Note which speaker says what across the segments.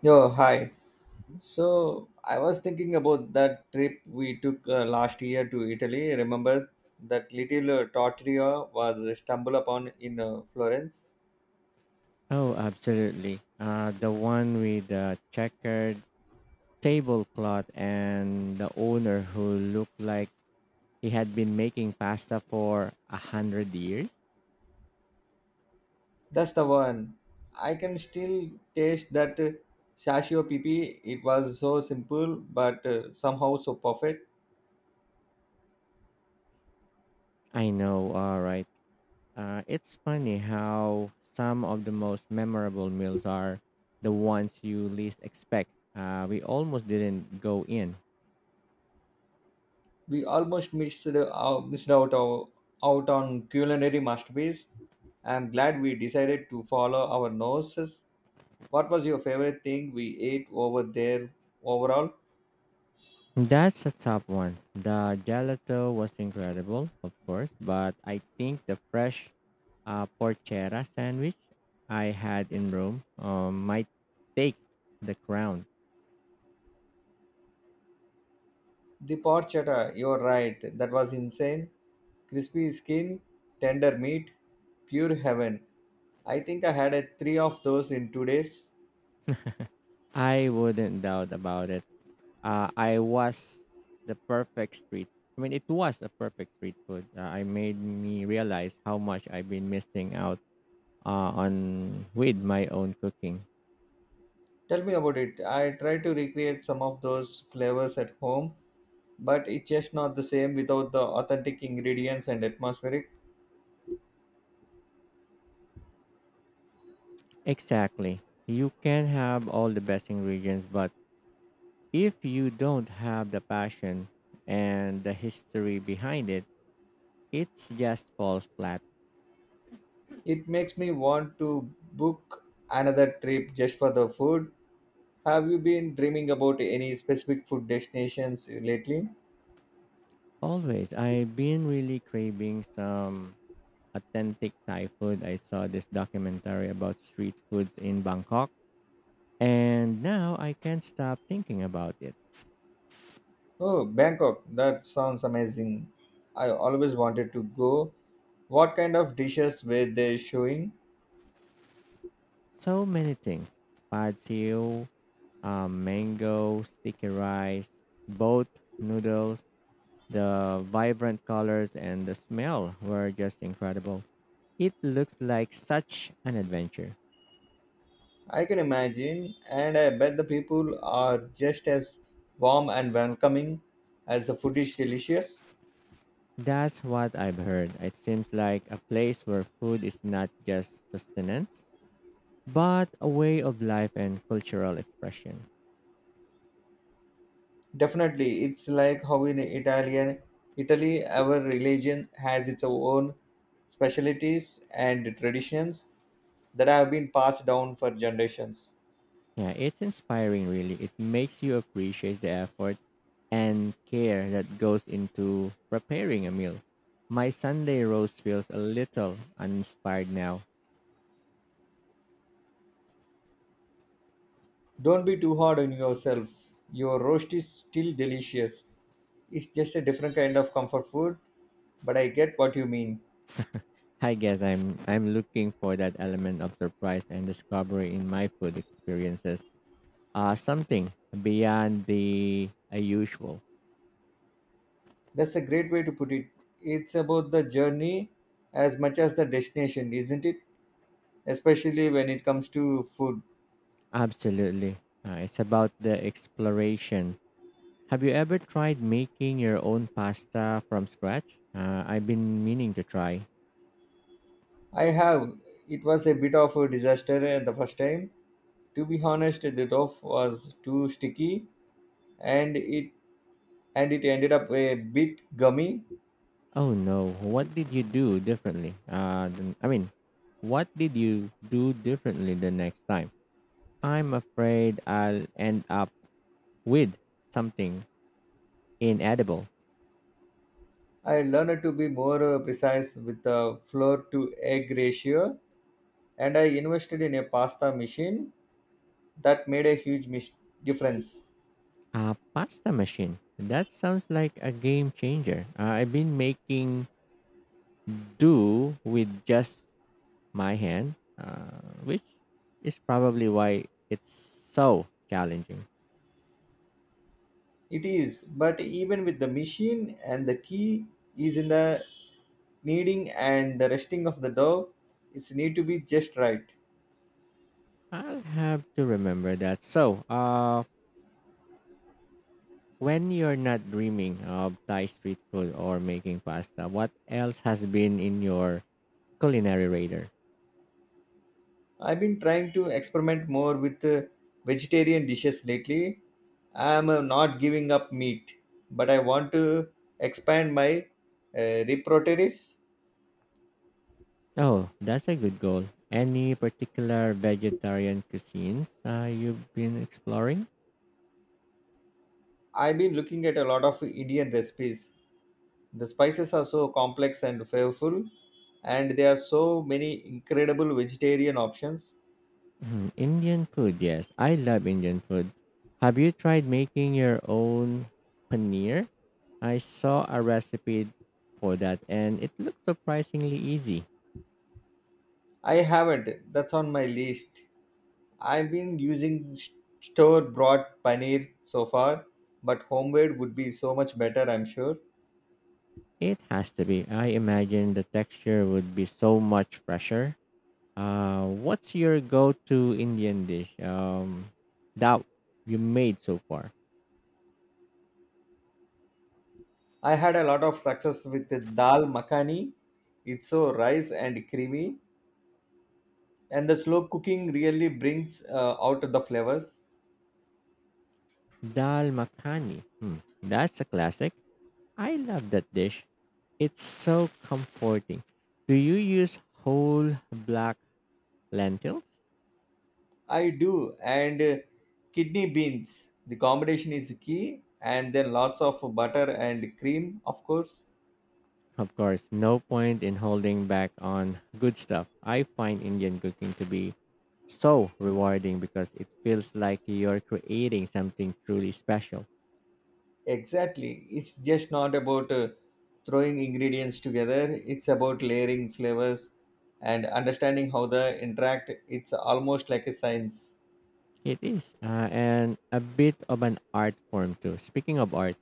Speaker 1: Yo, hi.
Speaker 2: Mhm.
Speaker 1: So I was thinking about that trip we took last year to Italy. Remember that little trattoria was stumbled upon in Florence?
Speaker 2: Oh, absolutely. The one with the checkered tablecloth and the owner who looked like he had been making pasta for a hundred years.
Speaker 1: That's the one. I can still taste that sashio pipi. It was so simple, but somehow so perfect.
Speaker 2: I know, all right. It's funny how some of the most memorable meals are the ones you least expect. We almost didn't go in.
Speaker 1: We almost missed out out on culinary masterpiece. I'm glad we decided to follow our noses. What was your favorite thing we ate over there overall?
Speaker 2: That's a top one. The gelato was incredible, of course, but I think the fresh a porchera sandwich I had in Rome might take the crown.
Speaker 1: The pot chata, you're right. That was insane. Crispy skin, tender meat, pure heaven. I think I had a three of those in 2 days.
Speaker 2: I wouldn't doubt about it. Uh, I was the perfect street. I mean, it was the perfect street food. I made me realize how much I've been missing out on with my own cooking.
Speaker 1: Tell me about it. I tried to recreate some of those flavors at home, but it's just not the same without the authentic ingredients and atmospheric.
Speaker 2: Exactly. You can have all the best ingredients, but if you don't have the passion and the history behind it, it just falls flat.
Speaker 1: It makes me want to book another trip just for the food. Have you been dreaming about any specific food destinations lately?
Speaker 2: Always. I've been really craving some authentic Thai food. I saw this documentary about street foods in Bangkok, and now I can't stop thinking about it.
Speaker 1: Oh, Bangkok. That sounds amazing. I always wanted to go. What kind of dishes were they showing?
Speaker 2: So many things pad siu, mango, sticky rice, boat noodles, the vibrant colors, and the smell were just incredible. It looks like such an adventure.
Speaker 1: I can imagine, and I bet the people are just as warm and welcoming as the food is delicious.
Speaker 2: That's what I've heard. It seems like a place where food is not just sustenance, but a way of life and cultural expression.
Speaker 1: Definitely, it's like how in Italian, Italy, our religion has its own specialties and traditions that have been passed down for generations.
Speaker 2: Yeah, it's inspiring, really. It makes you appreciate the effort and care that goes into preparing a meal. My Sunday roast feels a little uninspired now.
Speaker 1: Don't be too hard on yourself. Your roast is still delicious. It's just a different kind of comfort food, but I get what you mean.
Speaker 2: I guess I'm looking for that element of surprise and discovery in my food experiences. Something beyond the usual.
Speaker 1: That's a great way to put it. It's about the journey as much as the destination, isn't it? Especially when it comes to food.
Speaker 2: Absolutely. It's about the exploration. Have you ever tried making your own pasta from scratch? I've been meaning to try.
Speaker 1: I have. It was a bit of a disaster at the first time. To be honest, the dough was too sticky and it and it ended up a bit gummy.
Speaker 2: Oh no, what did you do differently? I mean, what did you do differently the next time? I'm afraid I'll end up with something inedible.
Speaker 1: I learned to be more precise with the flour to egg ratio, and I invested in a pasta machine that made a huge difference.
Speaker 2: A pasta machine. That sounds like a game changer. I've been making do with just my hand, which is probably why it's so challenging.
Speaker 1: It is, but even with the machine and the key is in the kneading and the resting of the dough, it's need to be just right.
Speaker 2: I'll have to remember that. So, when you're not dreaming of Thai street food or making pasta, what else has been in your culinary radar?
Speaker 1: I've been trying to experiment more with vegetarian dishes lately. I'm not giving up meat, but I want to expand my repertoire.
Speaker 2: Oh, that's a good goal. Any particular vegetarian cuisines you've been exploring?
Speaker 1: I've been looking at a lot of Indian recipes. The spices are so complex and flavorful, and there are so many incredible vegetarian options.
Speaker 2: Hmm, Indian food, yes. I love Indian food. Have you tried making your own paneer? I saw a recipe for that and it looked surprisingly easy.
Speaker 1: I haven't, that's on my list. I've been using store bought paneer so far, but homemade would be so much better, I'm sure.
Speaker 2: It has to be. I imagine the texture would be so much fresher. What's your go to Indian dish that you made so far?
Speaker 1: I had a lot of success with the dal makhani. It's so rice and creamy, and the slow cooking really brings out the flavors.
Speaker 2: Dal makhani. Hmm, that's a classic. I love that dish. It's so comforting. Do you use whole black lentils?
Speaker 1: I do. And kidney beans. The combination is key. And then lots of butter and cream, of course.
Speaker 2: Of course, no point in holding back on good stuff. I find Indian cooking to be so rewarding because it feels like you're creating something truly special.
Speaker 1: Exactly. It's just not about throwing ingredients together, it's about layering flavors and understanding how they interact. It's almost like a science.
Speaker 2: It is, and a bit of an art form too. Speaking of art,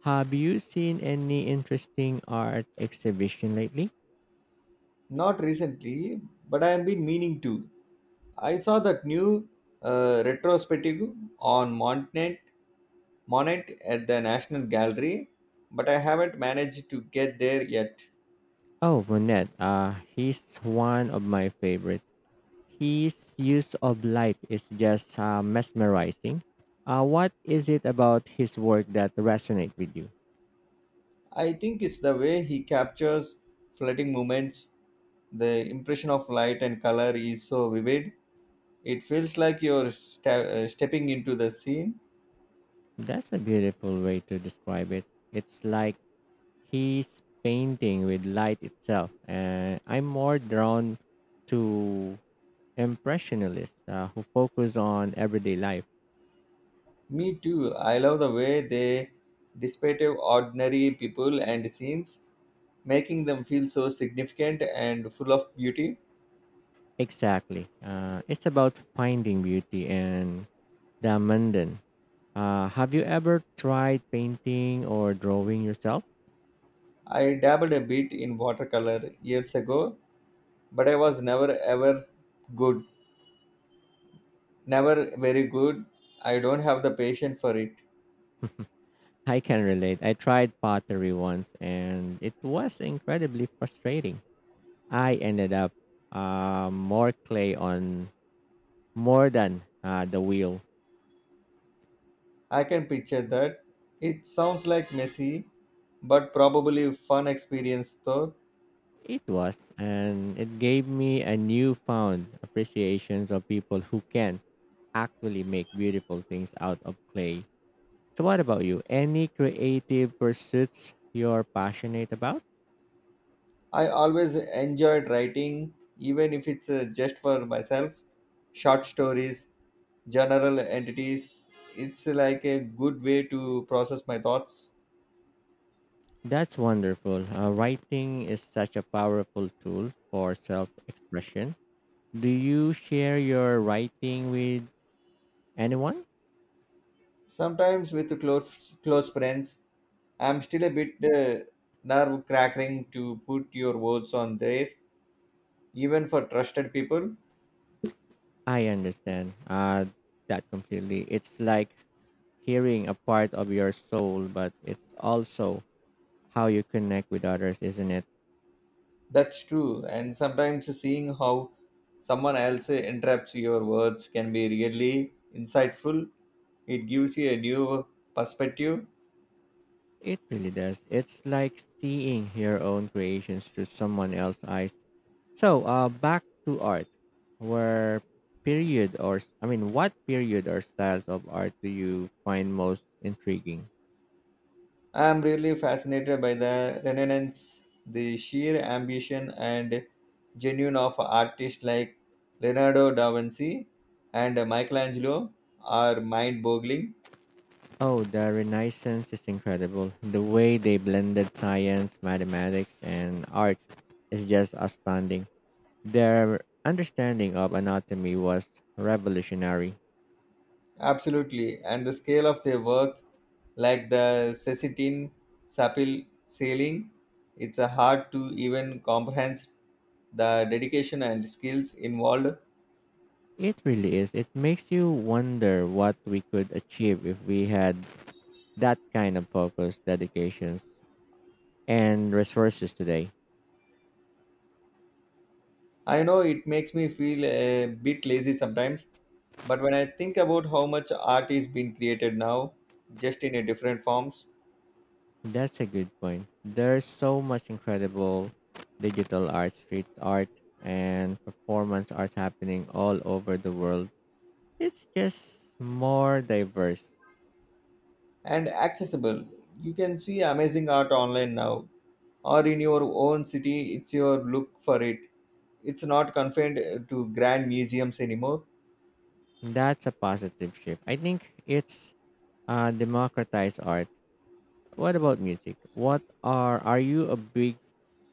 Speaker 2: have you seen any interesting art exhibition lately?
Speaker 1: Not recently, but I have been meaning to. I saw that new retrospective on Montnet Monet at the National Gallery, but I haven't managed to get there yet.
Speaker 2: Oh, Monet, he's one of my favorites. His use of light is just mesmerizing. What is it about his work that resonates with you?
Speaker 1: I think it's the way he captures floating moments. The impression of light and color is so vivid. It feels like stepping into the scene.
Speaker 2: That's a beautiful way to describe it. It's like he's painting with light itself. And I'm more drawn to impressionists who focus on everyday life.
Speaker 1: Me too. I love the way they dissipate ordinary people and scenes, making them feel so significant and full of beauty.
Speaker 2: Exactly. It's about finding beauty and the mundane. Have you ever tried painting or drawing yourself?
Speaker 1: I dabbled a bit in watercolor years ago, but I was never ever good. Never very good. I don't have the patience for it.
Speaker 2: I can relate. I tried pottery once and it was incredibly frustrating. I ended up more clay on more than the wheel.
Speaker 1: I can picture that. It sounds like messy, but probably fun experience though.
Speaker 2: It was, and it gave me a newfound appreciation of people who can actually make beautiful things out of clay. So, what about you? Any creative pursuits you're passionate about?
Speaker 1: I always enjoyed writing, even if it's just for myself. Short stories, general entities. It's like a good way to process my thoughts.
Speaker 2: That's wonderful. Writing is such a powerful tool for self expression. Do you share your writing with anyone?
Speaker 1: Sometimes with close friends, I'm still a bit nerve cracking to put your words on there, even for trusted people.
Speaker 2: I understand, that completely. It's like hearing a part of your soul, but it's also how you connect with others, isn't it?
Speaker 1: That's true. And sometimes seeing how someone else interrupts your words can be really insightful. It gives you a new perspective.
Speaker 2: It really does. It's like seeing your own creations through someone else's eyes. So, back to art. Where period or I mean, what period or styles of art do you find most intriguing?
Speaker 1: I'm really fascinated by the Renaissance, the sheer ambition and genuine of artists like Leonardo da Vinci and Michelangelo are mind boggling.
Speaker 2: Oh, the Renaissance is incredible. The way they blended science, mathematics, and art is just astounding. Their understanding of anatomy was revolutionary.
Speaker 1: Absolutely. And the scale of their work like the Cecitin Sapil sailing. It's hard to even comprehend the dedication and skills involved.
Speaker 2: It really is. It makes you wonder what we could achieve if we had that kind of focus, dedication, and resources today.
Speaker 1: I know it makes me feel a bit lazy sometimes, but when I think about how much art is being created now, just in a different forms
Speaker 2: That's a good point. There's so much incredible digital art, street art, and performance arts happening all over the world. It's just more diverse.
Speaker 1: and accessible, you can see amazing art online now or in your own city. It's your look for it. It's not confined to grand museums anymore.
Speaker 2: That's a positive shift. I think it's democratized art. What about music? What are you a big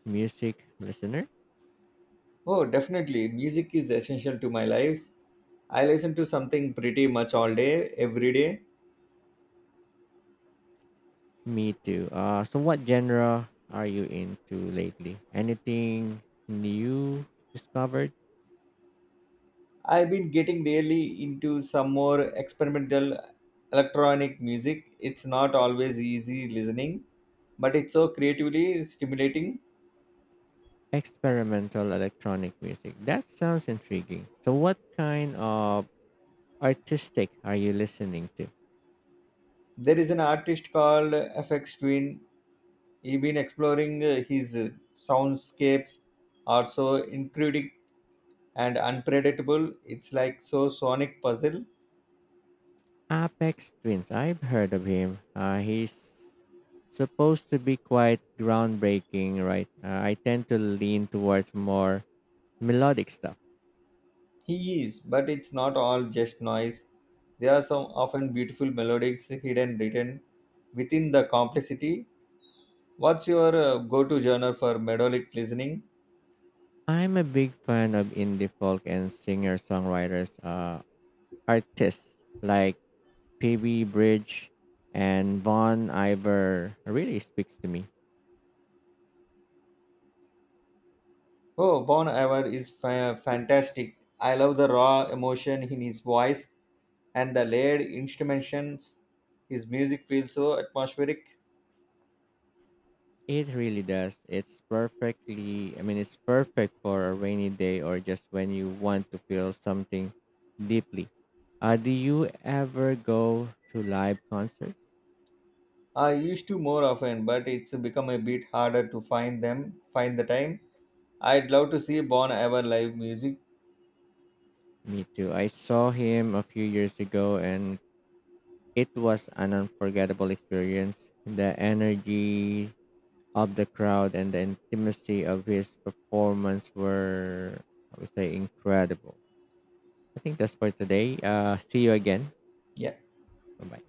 Speaker 2: music listener?
Speaker 1: Oh, definitely. Music is essential to my life. I listen to something pretty much all day, every day.
Speaker 2: Me too. So what genre are you into lately? Anything new discovered?
Speaker 1: I've been getting really into some more experimental electronic music. It's not always easy listening, but it's so creatively stimulating.
Speaker 2: Experimental electronic music. That sounds intriguing. So what kind of artistic are you listening to?
Speaker 1: There is an artist called FX Twin. He's been exploring his soundscapes are so incredible and unpredictable. It's like so sonic puzzle.
Speaker 2: Apex Twins. I've heard of him. He's supposed to be quite groundbreaking, right? I tend to lean towards more melodic stuff.
Speaker 1: He is, but it's not all just noise. There are some often beautiful melodies hidden written within the complexity. What's your go-to genre for melodic listening?
Speaker 2: I'm a big fan of indie folk and singer-songwriters, artists like P.B. Bridge and Von Iver. Really speaks to me.
Speaker 1: Oh, Bon Iver is fa- fantastic. I love the raw emotion in his voice and the layered instrumentations. His music feels so atmospheric.
Speaker 2: It really does. I mean, it's perfect for a rainy day or just when you want to feel something deeply. Do you ever go to live concert?
Speaker 1: I used to more often, but it's become a bit harder to find them. Find the time. I'd love to see Bon Iver live music.
Speaker 2: Me too. I saw him a few years ago and it was an unforgettable experience. The energy of the crowd and the intimacy of his performance were, I would say, incredible. I think that's for today. See you again. Bye bye.